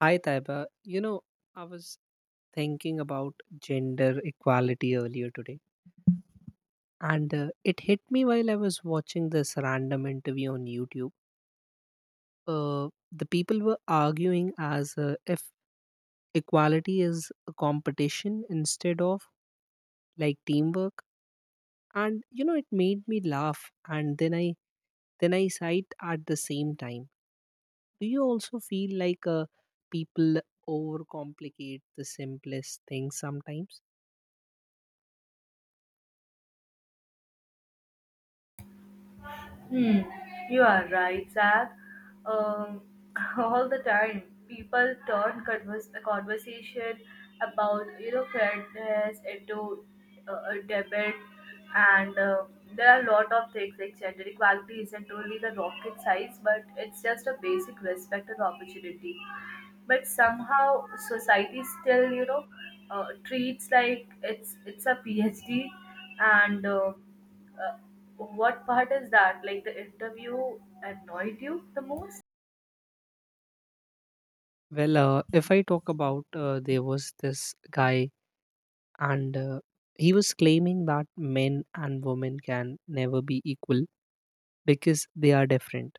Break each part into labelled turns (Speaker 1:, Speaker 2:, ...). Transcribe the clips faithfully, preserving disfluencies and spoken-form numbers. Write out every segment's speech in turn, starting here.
Speaker 1: Hi, Taiba. You know, I was thinking about gender equality earlier today, and uh, it hit me while I was watching this random interview on YouTube. Uh, the people were arguing as uh, if equality is a competition instead of like teamwork, and you know, it made me laugh. And then I then I sighed at the same time. Do you also feel like uh, people overcomplicate the simplest things sometimes?
Speaker 2: Hmm, you are right, Zach. Um, all the time, people turn convers- a conversation about you know fairness into uh, a debate, and uh, there are a lot of things like gender equality isn't only the rocket science, but it's just a basic respect and opportunity. But somehow society still you know uh, treats like it's it's a PhD, and uh, Uh, what part is that? Like the interview annoyed you the most?
Speaker 1: Well, uh, if I talk about uh, there was this guy, and uh, he was claiming that men and women can never be equal because they are different.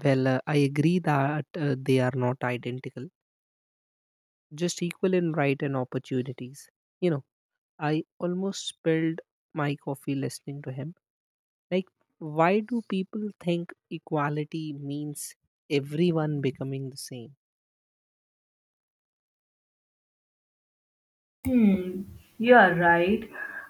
Speaker 1: Well, uh, I agree that uh, they are not identical, just equal in right and opportunities. You know, I almost spilled my coffee listening to him. Like, why do people think equality means everyone becoming the same?
Speaker 2: Hmm, you are right.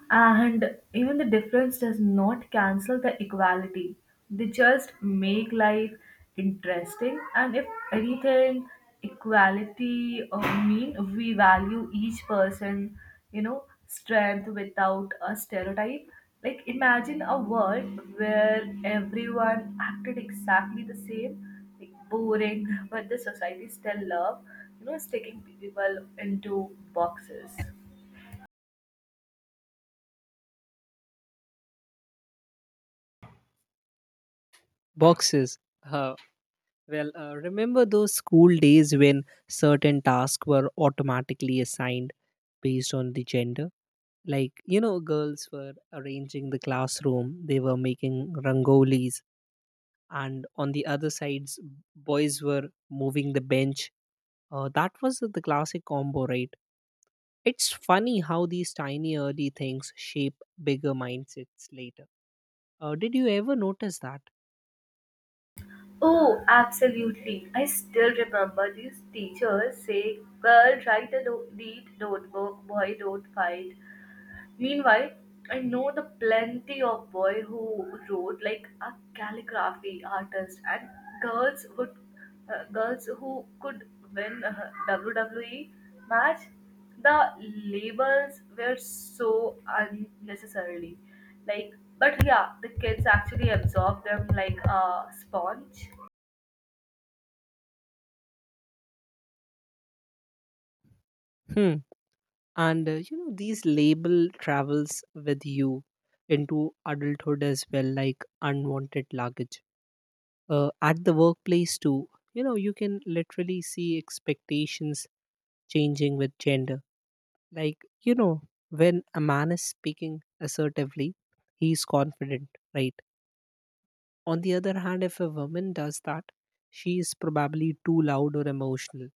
Speaker 2: And even the difference does not cancel the equality. They just make life interesting. And if anything, equality uh, mean we value each person, you know, strength without a stereotype. Like imagine a world where everyone acted exactly the same. Boring, but the society still love, you know, sticking people into boxes.
Speaker 1: Boxes. uh, Well, uh, remember those school days when certain tasks were automatically assigned based on the gender? Like, you know, girls were arranging the classroom, they were making rangolis, and on the other sides, boys were moving the bench. Uh, that was the classic combo, right? It's funny how these tiny early things shape bigger mindsets later. Uh, did you ever notice that?
Speaker 2: Oh, absolutely. I still remember these teachers say, girl, write a no- neat notebook, boy, don't fight. Meanwhile, I know the plenty of boy who wrote like a calligraphy artist and girls would uh, girls who could win uh, W W E match. The labels were so unnecessarily like, but yeah, the kids actually absorb them like a sponge.
Speaker 1: Hmm. And uh, you know these label travels with you into adulthood as well, like unwanted luggage. Uh, at the workplace too, you know you can literally see expectations changing with gender. Like, you know when a man is speaking assertively, he's confident, right? On the other hand, if a woman does that, she is probably too loud or emotional.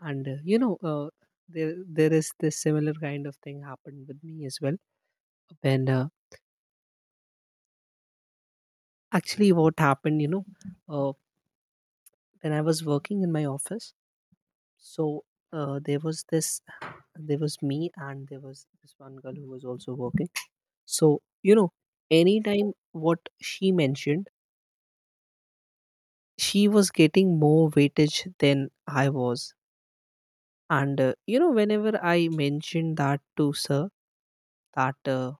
Speaker 1: And uh, you know uh, there there is this similar kind of thing happened with me as well. And uh, actually, what happened, you know uh, when I was working in my office, so uh, there was this there was me and there was this one girl who was also working. So, you know anytime what she mentioned, she was getting more weightage than I was. And uh, you know whenever I mentioned that to sir, that uh,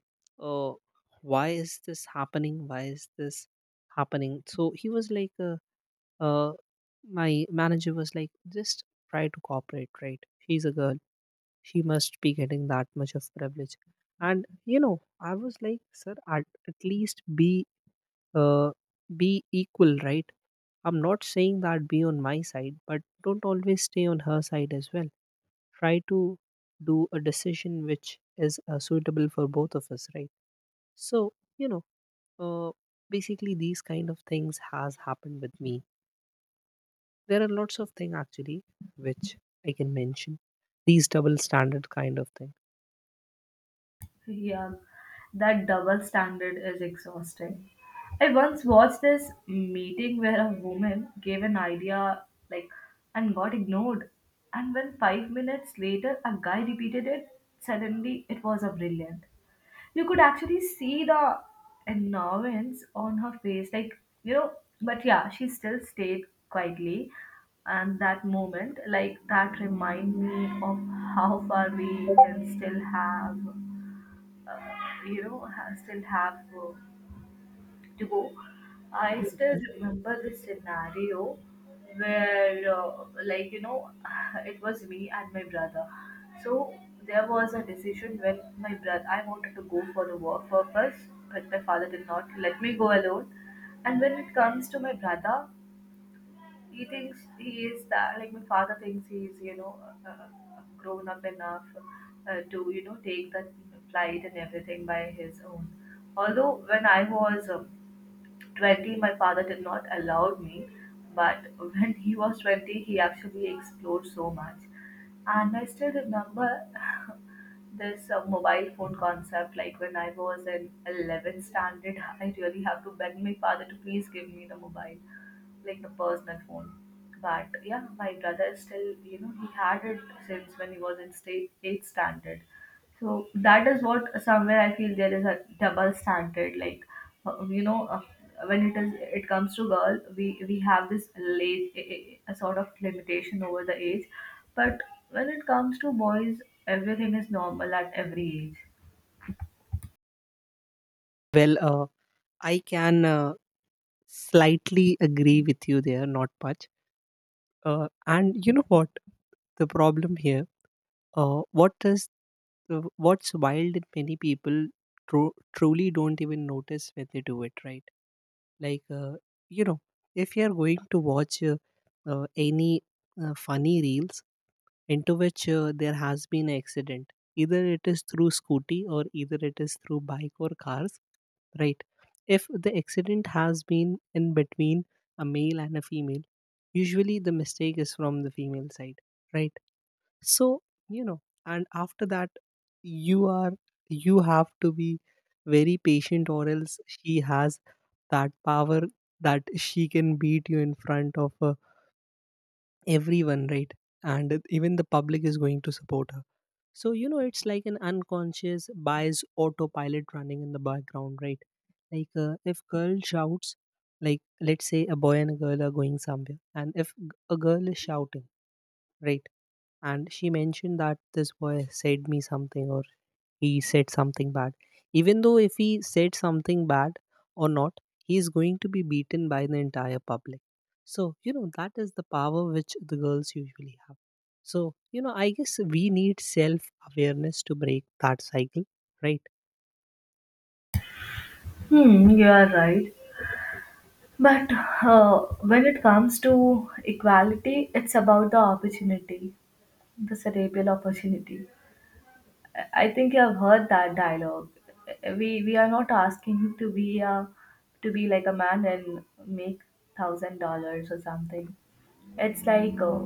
Speaker 1: uh, why is this happening, why is this happening so he was like uh, uh, my manager was like, just try to cooperate, right? She's a girl. She must be getting that much of privilege. And, you know, I was like, sir, at, at least be, uh, be equal, right? I'm not saying that be on my side, but don't always stay on her side as well. Try to do a decision which is uh, suitable for both of us, right? So, you know, uh, basically, these kind of things has happened with me. There are lots of things, actually, which I can mention. These double standard kind of thing.
Speaker 2: Yeah, that double standard is exhausting. I once watched this meeting where a woman gave an idea like and got ignored. And when five minutes later a guy repeated it, suddenly it was a brilliant. You could actually see the annoyance on her face, like you know, but yeah, she still stayed quietly and that moment, like that remind me of how far we can still have uh, you know ha- still have uh, to go. I still remember the scenario where uh, like you know it was me and my brother. So there was a decision when my brother I wanted to go for the work purpose, but my father did not let me go alone. And when it comes to my brother, he thinks he is that, like my father thinks he is you know uh, uh, grown up enough uh, to you know take the flight and everything by his own. Although when I was um twenty, my father did not allow me, but when he was twenty he actually explored so much. And I still remember this uh, mobile phone concept, like when I was in eleventh standard I really have to beg my father to please give me the mobile, like the personal phone. But yeah, my brother is still, you know, he had it since when he was in state eighth standard. So that is what somewhere I feel there is a double standard. Like, uh, you know, uh, when it is it comes to girl, we we have this late a, a a sort of limitation over the age, but when it comes to boys, everything is normal at every age.
Speaker 1: Well, uh, I can uh, slightly agree with you there, not much. Uh, and you know what? The problem here, uh, what does uh, what's wild in many people, tru- truly don't even notice when they do it, right? Like, uh, you know, if you're going to watch uh, uh, any uh, funny reels, into which uh, there has been an accident, either it is through scooty or either it is through bike or cars, right? If the accident has been in between a male and a female, usually the mistake is from the female side, right? So, you know and after that, you are you have to be very patient, or else she has that power that she can beat you in front of uh, everyone, right? And even the public is going to support. So, you know, it's like an unconscious bias autopilot running in the background, right? Like, uh, if girl shouts, like, let's say a boy and a girl are going somewhere, and if g- a girl is shouting, right, and she mentioned that this boy said me something or he said something bad, even though if he said something bad or not, he is going to be beaten by the entire public. So, you know that is the power which the girls usually have. So, you know I guess we need self awareness to break that cycle, right?
Speaker 2: Hmm, you are right. But uh, when it comes to equality, it's about the opportunity, the cerebral opportunity. I I think you have heard that dialogue. We we are not asking him to be a to be like a man and make thousand dollars or something. It's like uh,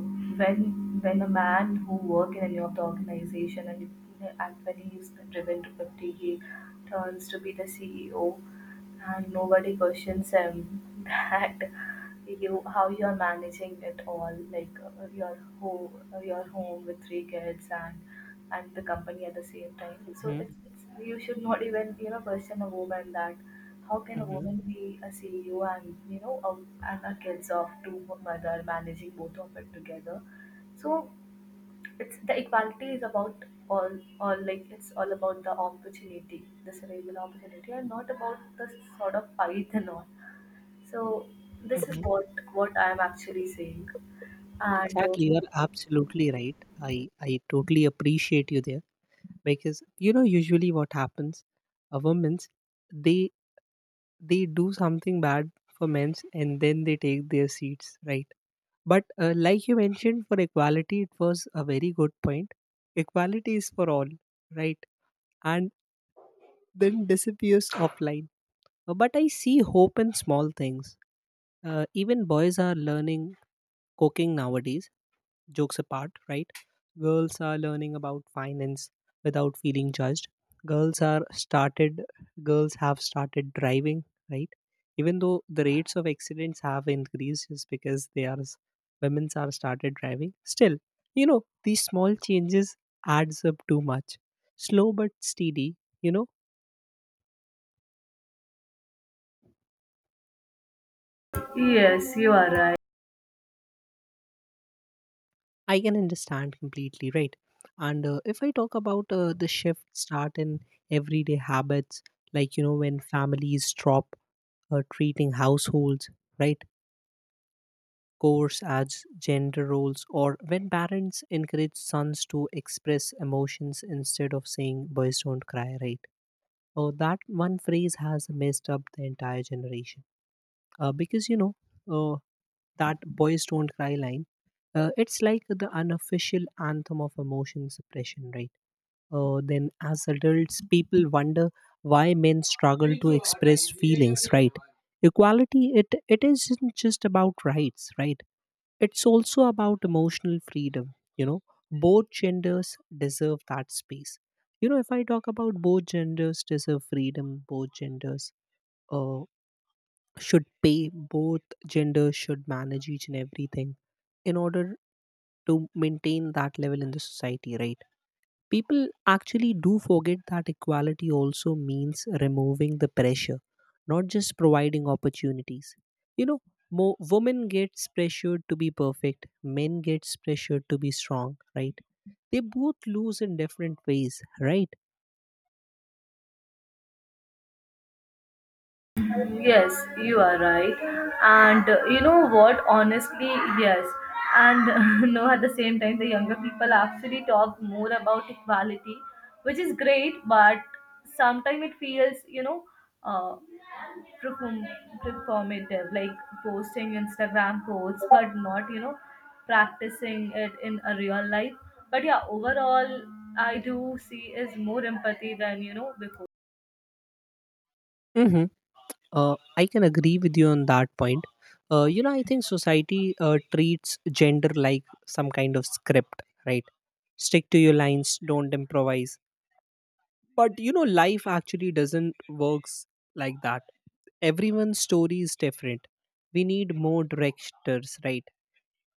Speaker 2: when when a man who work in any of the organization and and when he is driven to fifty, he turns to be the C E O, and nobody questions him that you how you are managing it all, like uh, your home, your home with three kids and and the company at the same time. So
Speaker 1: Hmm.
Speaker 2: it's, it's you should not even you know question a woman that how can a
Speaker 1: Hmm.
Speaker 2: woman be a C E O and you know a, and a kids of to her mother managing both of it together? So it's the equality is about all all like it's all about the opportunity, the cerebral opportunity, and not about the sort of fight and all. So this is
Speaker 1: Hmm.
Speaker 2: what what I am actually saying, and uh,
Speaker 1: Exactly, you're absolutely right. I I totally appreciate you there because you know usually what happens, a woman's, they they do something bad for men's and then they take their seats, right? But uh, like you mentioned, for equality it was a very good point. Equality is for all, right? And then disappears offline. Uh, but I see hope in small things. Uh, even boys are learning cooking nowadays. Jokes apart, right? Girls are learning about finance without feeling judged. Girls are started, girls have started driving, right? Even though the rates of accidents have increased just because they are, s- women's are started driving. Still, you know, these small changes adds up too much. Slow but steady, you know,
Speaker 2: yes, you are right.
Speaker 1: I can understand completely, right? And uh, if I talk about uh, the shift start in everyday habits, like, you know, when families drop uh, treating households, right, course as gender roles, or when parents encourage sons to express emotions instead of saying, boys don't cry, right? Oh, that one phrase has messed up the entire generation. Uh, because, you know, uh, that boys don't cry line, uh, it's like the unofficial anthem of emotion suppression, right? Uh, then as adults, people wonder why men struggle to express feelings, right? Equality, it it isn't just about rights, right? It's also about emotional freedom. you know both genders deserve that space. you know if I talk about both genders deserve freedom, both genders uh, should pay, both genders should manage each and everything in order to maintain that level in the society, right? People actually do forget that equality also means removing the pressure, not just providing opportunities. you know more women gets pressured to be perfect, men gets pressured to be strong, right? They both lose in different ways, right?
Speaker 2: Yes, you are right. And uh, You know what? Honestly, yes. And no, at the same time, the younger people actually talk more about equality, which is great, but sometimes it feels, you know, uh, perform- performative, like posting Instagram posts, but not, you know, practicing it in a real life. But yeah, overall, I do see is more empathy than, you know, before.
Speaker 1: Mhm. Uh, I can agree with you on that point. Uh, you know, I think society uh, treats gender like some kind of script, right? Stick to your lines, don't improvise. But you know, life actually doesn't works like that. Everyone's story is different. We need more directors, right?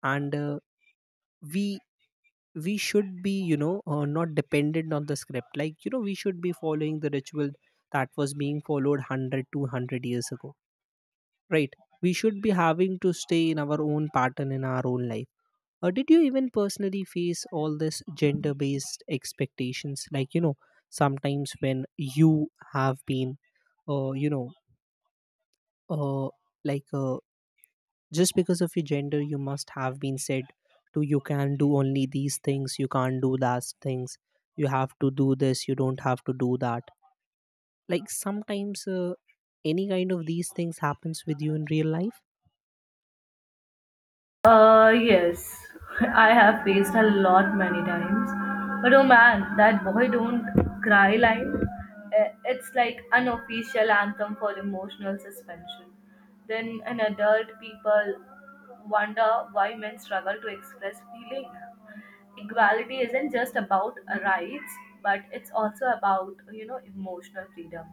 Speaker 1: And uh, we we should be, you know, uh, not dependent on the script. Like, you know, we should be following the ritual that was being followed one hundred, two hundred years ago. Right. We should be having to stay in our own pattern in our own life. Or did you even personally face all this gender based expectations? Like, you know, sometimes when you have been, uh, you know, uh, like uh, just because of your gender, you must have been said to, you can do only these things, you can't do those things, you have to do this, you don't have to do that. Like, sometimes uh, any kind of these things happens with you in real life?
Speaker 2: Uh, yes, I have faced a lot many times. But oh man, that boy don't cry line. eh, It's like an official anthem for emotional suspension. Then an adult people wonder why men struggle to express feeling. Equality isn't just about rights, but it's also about you know emotional freedom.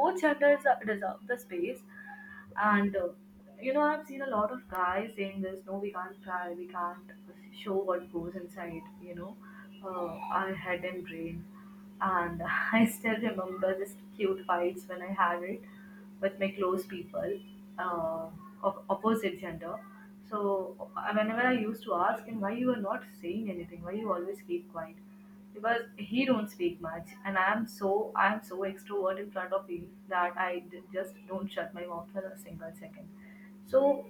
Speaker 2: Both genders are- deserve the space. And uh, you know I've seen a lot of guys saying this, no we can't cry, we can't show what goes inside you know uh, our head and brain. And I still remember this cute fights when I had it with my close people, uh, of opposite gender. So uh, whenever I used to ask him why you are not saying anything, why you always keep quiet, because he don't speak much, and I am so I am so extrovert in front of him that I d- just don't shut my mouth for a single second. So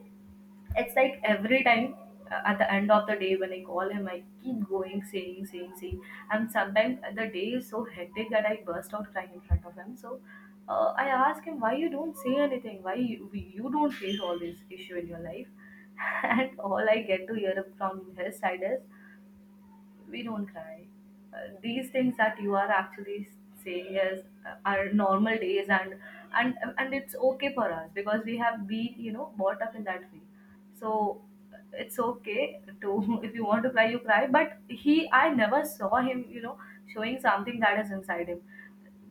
Speaker 2: it's like every time uh, at the end of the day when I call him, I keep going, saying, saying, saying. And sometimes the day is so hectic that I burst out crying in front of him. So uh, I ask him, why you don't say anything? Why you, you don't face all this issue in your life? And all I get to hear from his side is, we don't cry. Uh, these things that you are actually saying is uh, are normal days, and and and it's okay for us because we have been you know brought up in that way. So uh, it's okay to if you want to cry, you cry. But he, I never saw him, you know, showing something that is inside him.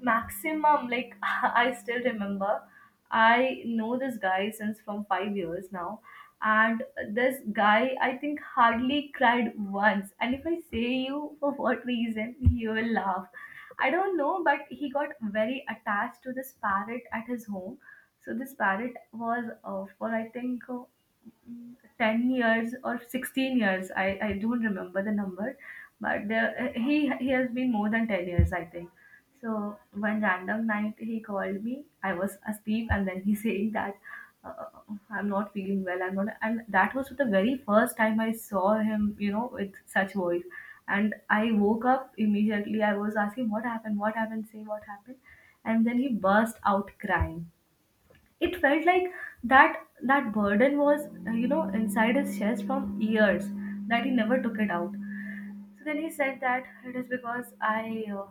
Speaker 2: Maximum, like I still remember. I know this guy since from five years now, and this guy I think hardly cried once, and if I say you for what reason you will laugh, I don't know. But he got very attached to this parrot at his home. So this parrot was uh, for I think uh, mm, ten years or sixteen years. I i don't remember the number. But there, he he has been more than ten years I think. So one random night he called me. I was asleep, and then he saying that uh, uh, I'm not feeling well. I'm not, and that was the very first time I saw him. You know, with such voice, and I woke up immediately. I was asking what happened, what happened, say what happened, and then he burst out crying. It felt like that that burden was uh, you know inside his chest from years that he never took it out. So then he said that it is because I uh,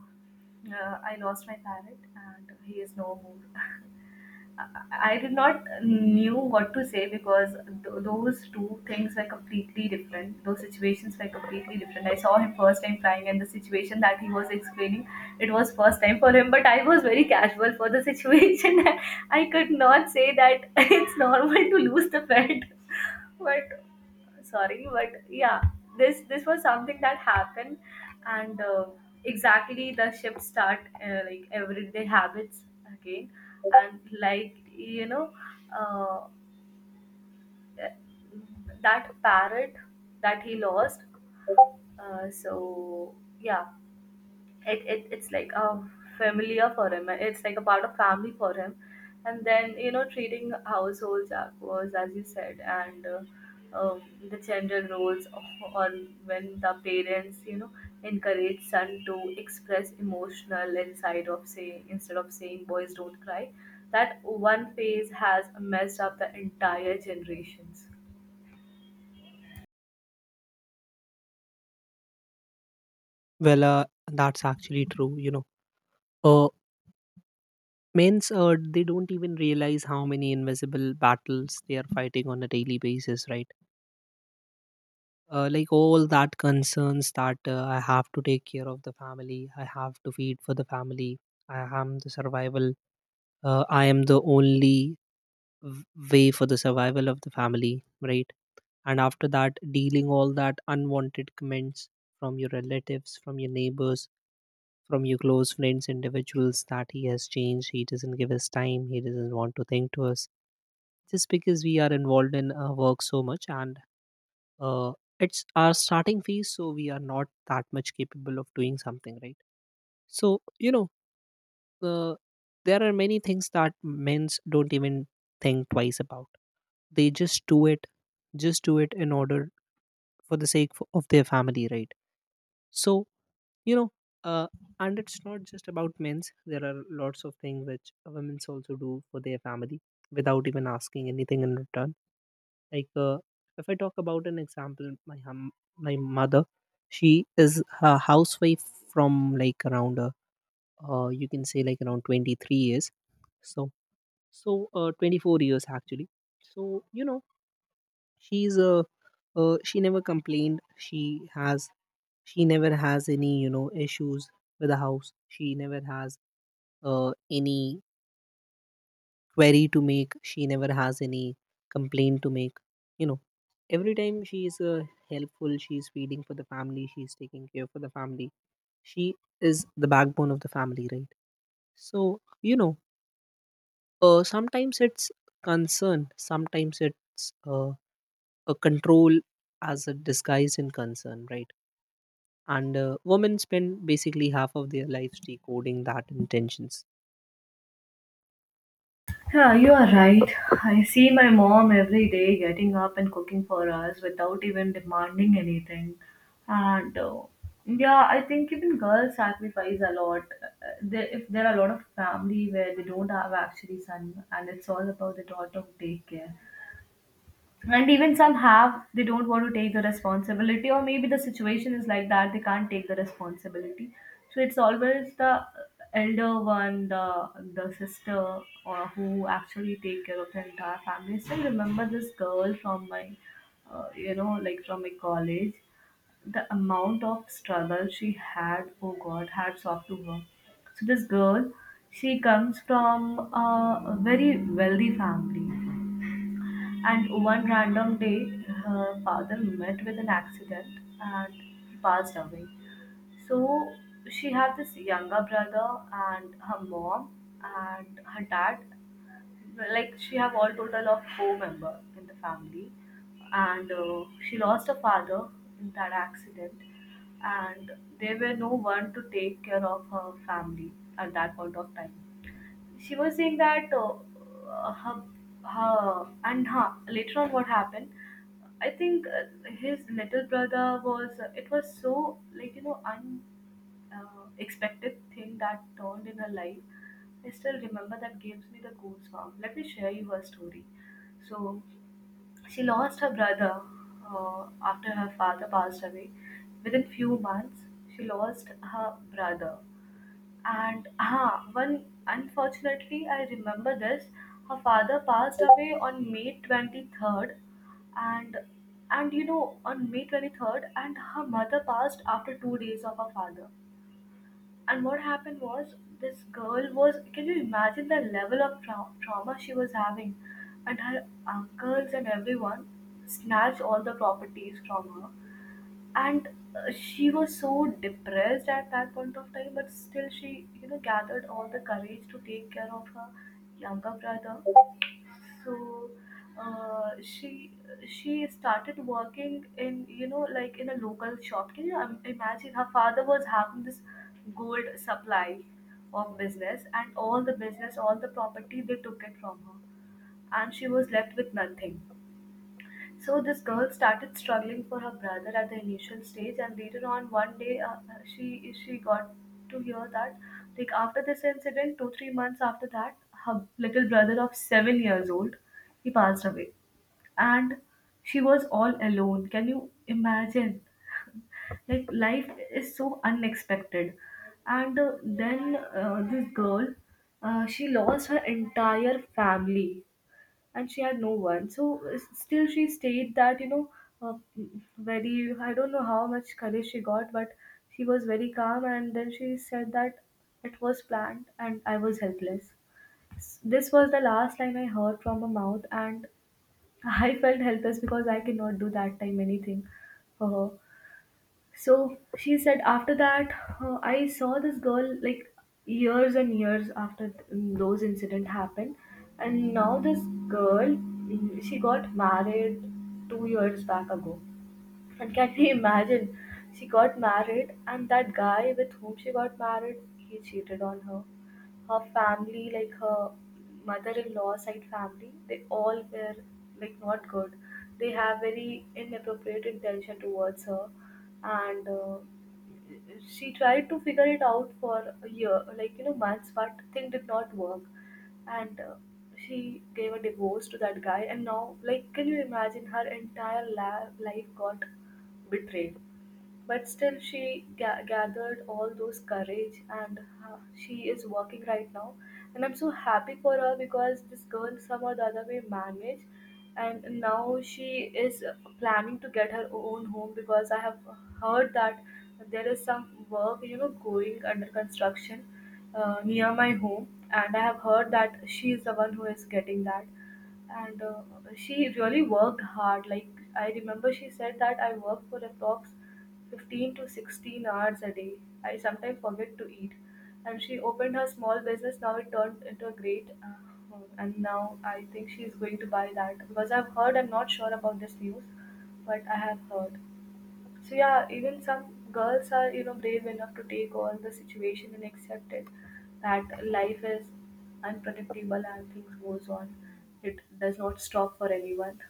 Speaker 2: uh, I lost my parrot and he is no more. I I did not knew what to say because th- those two things were completely different. Those situations were completely different. I saw him first time flying, and the situation that he was explaining, it was first time for him. But I was very casual for the situation. I could not say that it's normal to lose the pet. But sorry, but yeah, this this was something that happened. And uh, Exactly the shift start uh, like everyday habits again, and like you know uh, that parrot that he lost. Uh, so yeah, it, it it's like a familiar for him, it's like a part of family for him. And then you know treating households was as you said. And uh, um, the gender roles on when the parents you know encourage son to express emotional inside of saying instead of saying boys don't cry. That one phase has messed up the entire generations.
Speaker 1: Well, uh, that's actually true. You know, uh, men's uh, they don't even realize how many invisible battles they are fighting on a daily basis, right? uh, like all that concerns that uh, I have to take care of the family, I have to feed for the family, I am the survival, uh, I am the only v- way for the survival of the family, right? And after that, dealing all that unwanted comments from your relatives, from your neighbors, from your close friends, individuals that he has changed, he doesn't give us time, he doesn't want to think to us, just because we are involved in uh, work so much, and uh, it's our starting phase, so we are not that much capable of doing something, right? So, you know uh, there are many things that men's don't even think twice about. They just do it, just do it in order for the sake f- of their family, right? So, you know uh, and it's not just about men's, there are lots of things which women's also do for their family without even asking anything in return. Like, uh, if I talk about an example, my hum, my mother, she is a housewife from like around uh, uh, you can say, like, around twenty-three years. So so uh, twenty-four years, actually. So, you know she's uh, uh she never complained. She has she never has any you know issues with the house. She never has uh any query to make. She never has any complaint to make. You know every time she is uh, helpful, she is feeding for the family. She is taking care for the family. She is the backbone of the family, right? So, you know uh, sometimes it's concern, sometimes it's uh, a control as a disguise in concern, right? And uh, women spend basically half of their lives decoding that intentions.
Speaker 2: Yeah, you are right. I see my mom every day getting up and cooking for us without even demanding anything. And uh, Yeah, I think even girls sacrifice a lot. Uh, There, if there are a lot of family where they don't have actually son, and it's all about the daughter who take care, and even some have they don't want to take the responsibility, or maybe the situation is like that they can't take the responsibility. So it's always the elder one, the the sister or who actually take care of the entire family. I still remember this girl from my uh, you know like from my college. The amount of struggle she had, oh god, hats off to her. So this girl, she comes from a very wealthy family, and one random day, her father met with an accident and he passed away. So she had this younger brother and her mom and her dad. Like she have all total of four member in the family, and uh, she lost her father in that accident, and there were no one to take care of her family at that point of time she was saying that uh, her, her and her later on what happened. I think uh, his little brother was uh, it was so like you know un uh, expected thing that turned in her life. I still remember that gives me the goosebumps. Let me share you her story. So she lost her brother uh, after her father passed away. Within few months she lost her brother. And ah, one, unfortunately, I remember this. Her father passed away on May twenty-third, and and you know, on May twenty-third, and her mother passed after two days of her father. And what happened was this girl was, can you imagine the level of trau trauma she was having, and her uncles and everyone snatched all the properties from her, and uh, she was so depressed at that point of time, but still she, you know, gathered all the courage to take care of her younger brother. So uh, she she started working in, you know, like in a local shop. Can you im- imagine her father was having this gold supply of business, and all the business, all the property, they took it from her, and she was left with nothing. So this girl started struggling for her brother at the initial stage, and later on, one day, uh, uh, she she got to hear that, like after this incident, two three months after that, her little brother of seven years old, he passed away, and she was all alone. Can you imagine? Like life is so unexpected, and uh, then uh, this girl, uh, she lost her entire family and she had no one. So uh, still she stayed that, you know, uh, very, I don't know how much courage she got, but she was very calm, and then she said that it was planned and I was helpless. S- This was the last line I heard from her mouth, and I felt helpless because I cannot do that time anything for her. So she said after that, uh, I saw this girl like years and years after th- those incident happened, and now this girl, mm, she got married two years back ago. And can you imagine? She got married, and that guy with whom she got married, he cheated on her. Her family, like her mother-in-law side family, they all were like not good. They have very inappropriate intention towards her, and uh, she tried to figure it out for a year, like, you know, months, but thing did not work, and uh, she gave a divorce to that guy, and now, like, can you imagine her entire la- life got betrayed. But still, she ga- gathered all those courage, and ha she is working right now. And I'm so happy for her because this girl, somehow the other way, managed. And now she is planning to get her own home because I have heard that there is some work, you know, going under construction uh, near my home, and I have heard that she is the one who is getting that. And uh, she really worked hard. Like, I remember she said that I work for approx fifteen to sixteen hours a day, I sometimes forget to eat. And she opened her small business, now it turned into a great uh, and now I think she is going to buy that because I've heard, I'm not sure about this news, but I have heard. So yeah, even some girls are, you know, brave enough to take on the situation and accept it, that life is unpredictable and things goes on. It does not stop for anyone.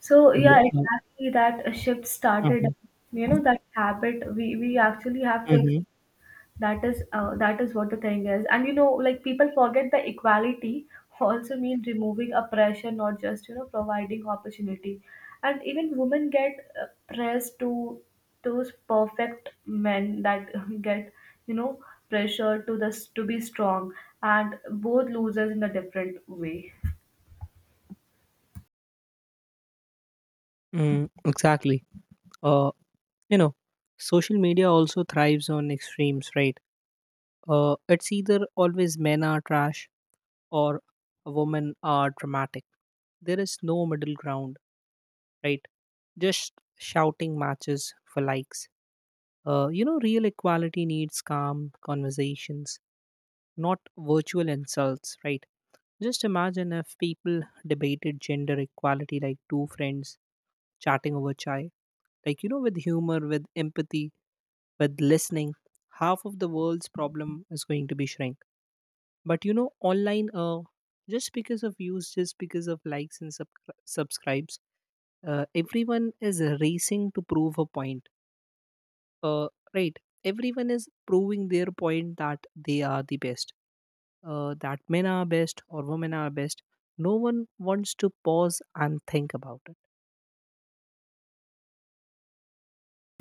Speaker 2: So yeah,
Speaker 1: Mhm.
Speaker 2: exactly that shift started.
Speaker 1: Mhm.
Speaker 2: You know, that habit we, we actually have to,
Speaker 1: Mhm.
Speaker 2: that is uh, that is what the thing is. And you know, like, people forget the equality also means removing oppression, not just, you know, providing opportunity. And even women get uh, pressed to those perfect men that get, you know, pressure to this to be strong, and both loses in a different way.
Speaker 1: Mm, exactly. uh, you know social media also thrives on extremes, right? Uh, it's either always men are trash or women are dramatic. There is no middle ground, right? Just shouting matches for likes. Uh, you know, real equality needs calm conversations, not virtual insults, right? Just imagine if people debated gender equality like two friends chatting over chai, like, you know, with humor, with empathy, with listening, half of the world's problem is going to be shrinking. But you know online uh, just because of views, just because of likes and sub- subscribes uh, everyone is racing to prove a point, uh, right? Everyone is proving their point that they are the best, uh, that men are best or women are best. No one wants to pause and think about it.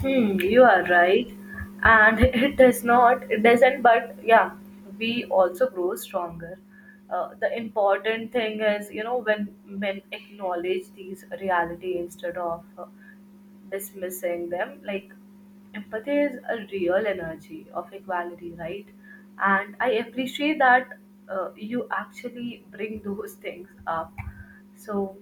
Speaker 2: Hmm, you are right, and it does not, it doesn't, but yeah, we also grow stronger. Uh, the important thing is, you know, when men acknowledge these reality instead of uh, dismissing them, like, empathy is a real energy of equality, right? And I appreciate that uh, you actually bring those things up. So,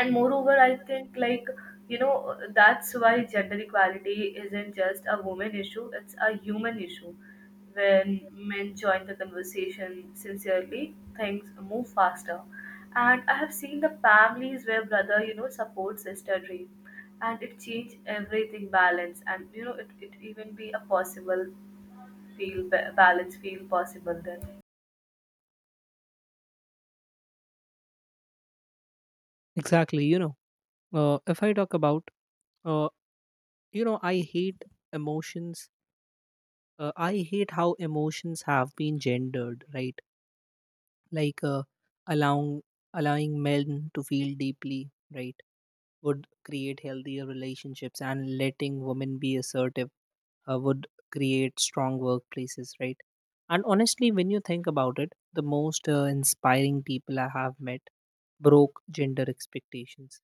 Speaker 2: and moreover, I think, like, you know, that's why gender equality isn't just a woman issue, it's a human issue. When men join the conversation sincerely, things move faster. And I have seen the families where brother, you know, supports sister dream, and it changed everything balance. And you know, it, it even be a possible, feel ba- balance feel possible then.
Speaker 1: Exactly, you know. Uh, if I talk about, uh, you know, I hate emotions. uh, I hate how emotions have been gendered, right? Like, uh, allowing allowing men to feel deeply, right, would create healthier relationships, and letting women be assertive, uh, would create strong workplaces, right? And honestly, when you think about it, the most uh, inspiring people I have met broke gender expectations.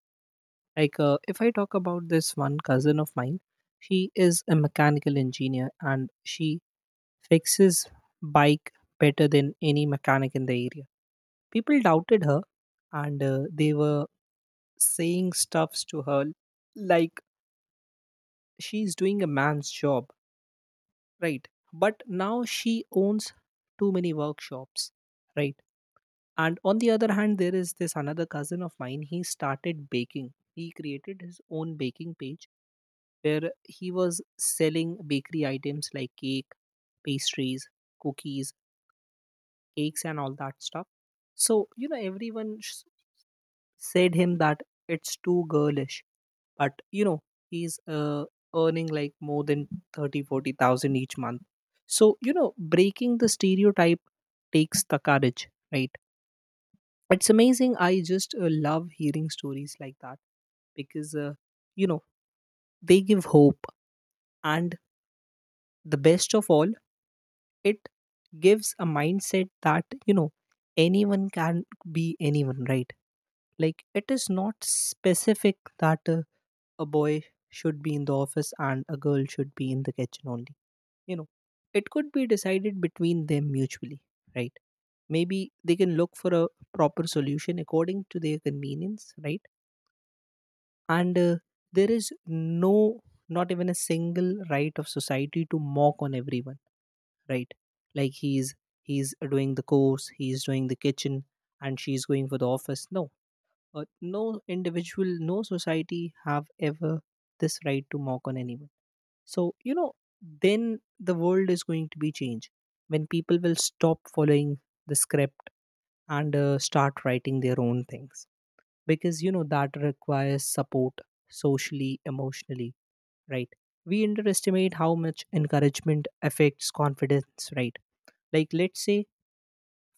Speaker 1: Like, uh, if I talk about this one cousin of mine, she is a mechanical engineer and she fixes bike better than any mechanic in the area. People doubted her, and uh, they were saying stuffs to her like she's doing a man's job, right? But now she owns too many workshops, right? And on the other hand, there is this another cousin of mine. He started baking. He created his own baking page where he was selling bakery items like cake, pastries, cookies, cakes, and all that stuff. So, you know, everyone sh- said him that it's too girlish, but you know, he's uh, earning like more than thirty, forty thousand each month. So, you know, breaking the stereotype takes the courage, right? It's amazing. I just uh, love hearing stories like that because, uh, you know, they give hope. And the best of all, it gives a mindset that, you know, anyone can be anyone, right? Like, it is not specific that uh, a boy should be in the office and a girl should be in the kitchen only. You know, it could be decided between them mutually, right? Maybe they can look for a proper solution according to their convenience, right? And uh, there is no, not even a single right of society to mock on everyone, right? Like, he's he's doing the course, he's doing the kitchen, and she's going for the office. No, uh, no individual, no society have ever this right to mock on anyone. So, you know, then the world is going to be changed when people will stop following the script and uh, start writing their own things, because, you know, that requires support, socially, emotionally, right? We underestimate how much encouragement affects confidence, right? Like, let's say,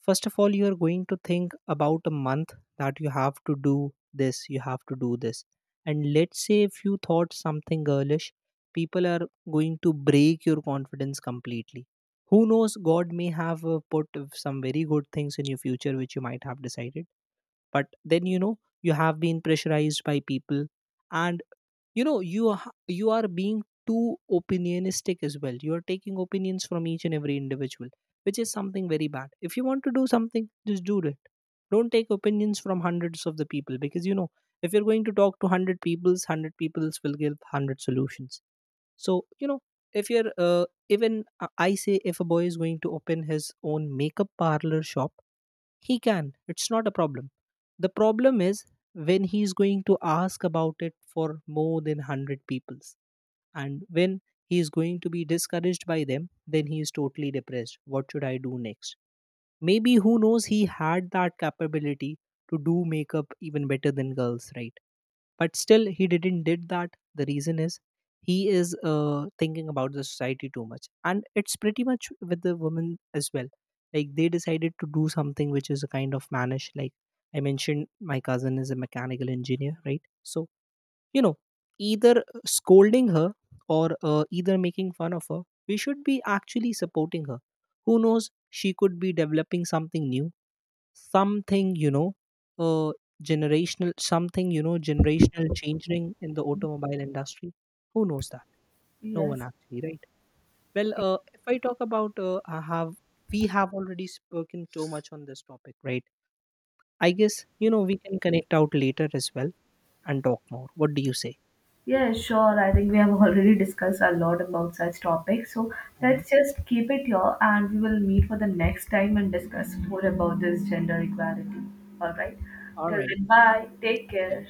Speaker 1: first of all, you are going to think about a month that you have to do this, you have to do this. And let's say if you thought something girlish, people are going to break your confidence completely. Who knows, God may have uh, put some very good things in your future which you might have decided. But then, you know, you have been pressurized by people, and you know, you are, you are being too opinionistic as well. You are taking opinions from each and every individual, which is something very bad. If you want to do something, just do it. Don't take opinions from hundreds of the people, because, you know, if you're going to talk to one hundred peoples, one hundred peoples will give one hundred solutions. So, you know, if you're uh, even, uh, I say, if a boy is going to open his own makeup parlor shop, he can, it's not a problem. The problem is when he's going to ask about it for more than one hundred peoples, and when he is going to be discouraged by them, then he is totally depressed, what should I do next? Maybe, who knows, he had that capability to do makeup even better than girls, right? But still, he didn't did that. The reason is he is uh, thinking about the society too much, and it's pretty much with the women as well. Like, they decided to do something which is a kind of mannish. Like I mentioned, my cousin is a mechanical engineer, right? So, you know, either scolding her or uh, either making fun of her, we should be actually supporting her. Who knows, she could be developing something new, something, you know uh, generational, something, you know, generational changing in the automobile industry. Who knows that? No one,
Speaker 2: Yes.
Speaker 1: actually, right? Well, uh, if I talk about, uh, I have we have already spoken too much on this topic, right? I guess, you know, we can connect out later as well and talk more. What do you say?
Speaker 2: Yeah, sure. I think we have already discussed a lot about such topics. So
Speaker 1: Mhm.
Speaker 2: let's just keep it here, and we will meet for the next time and discuss more about this gender equality. All right.
Speaker 1: All
Speaker 2: Till
Speaker 1: right.
Speaker 2: then, bye.
Speaker 1: Take
Speaker 2: Take
Speaker 1: care.
Speaker 2: care.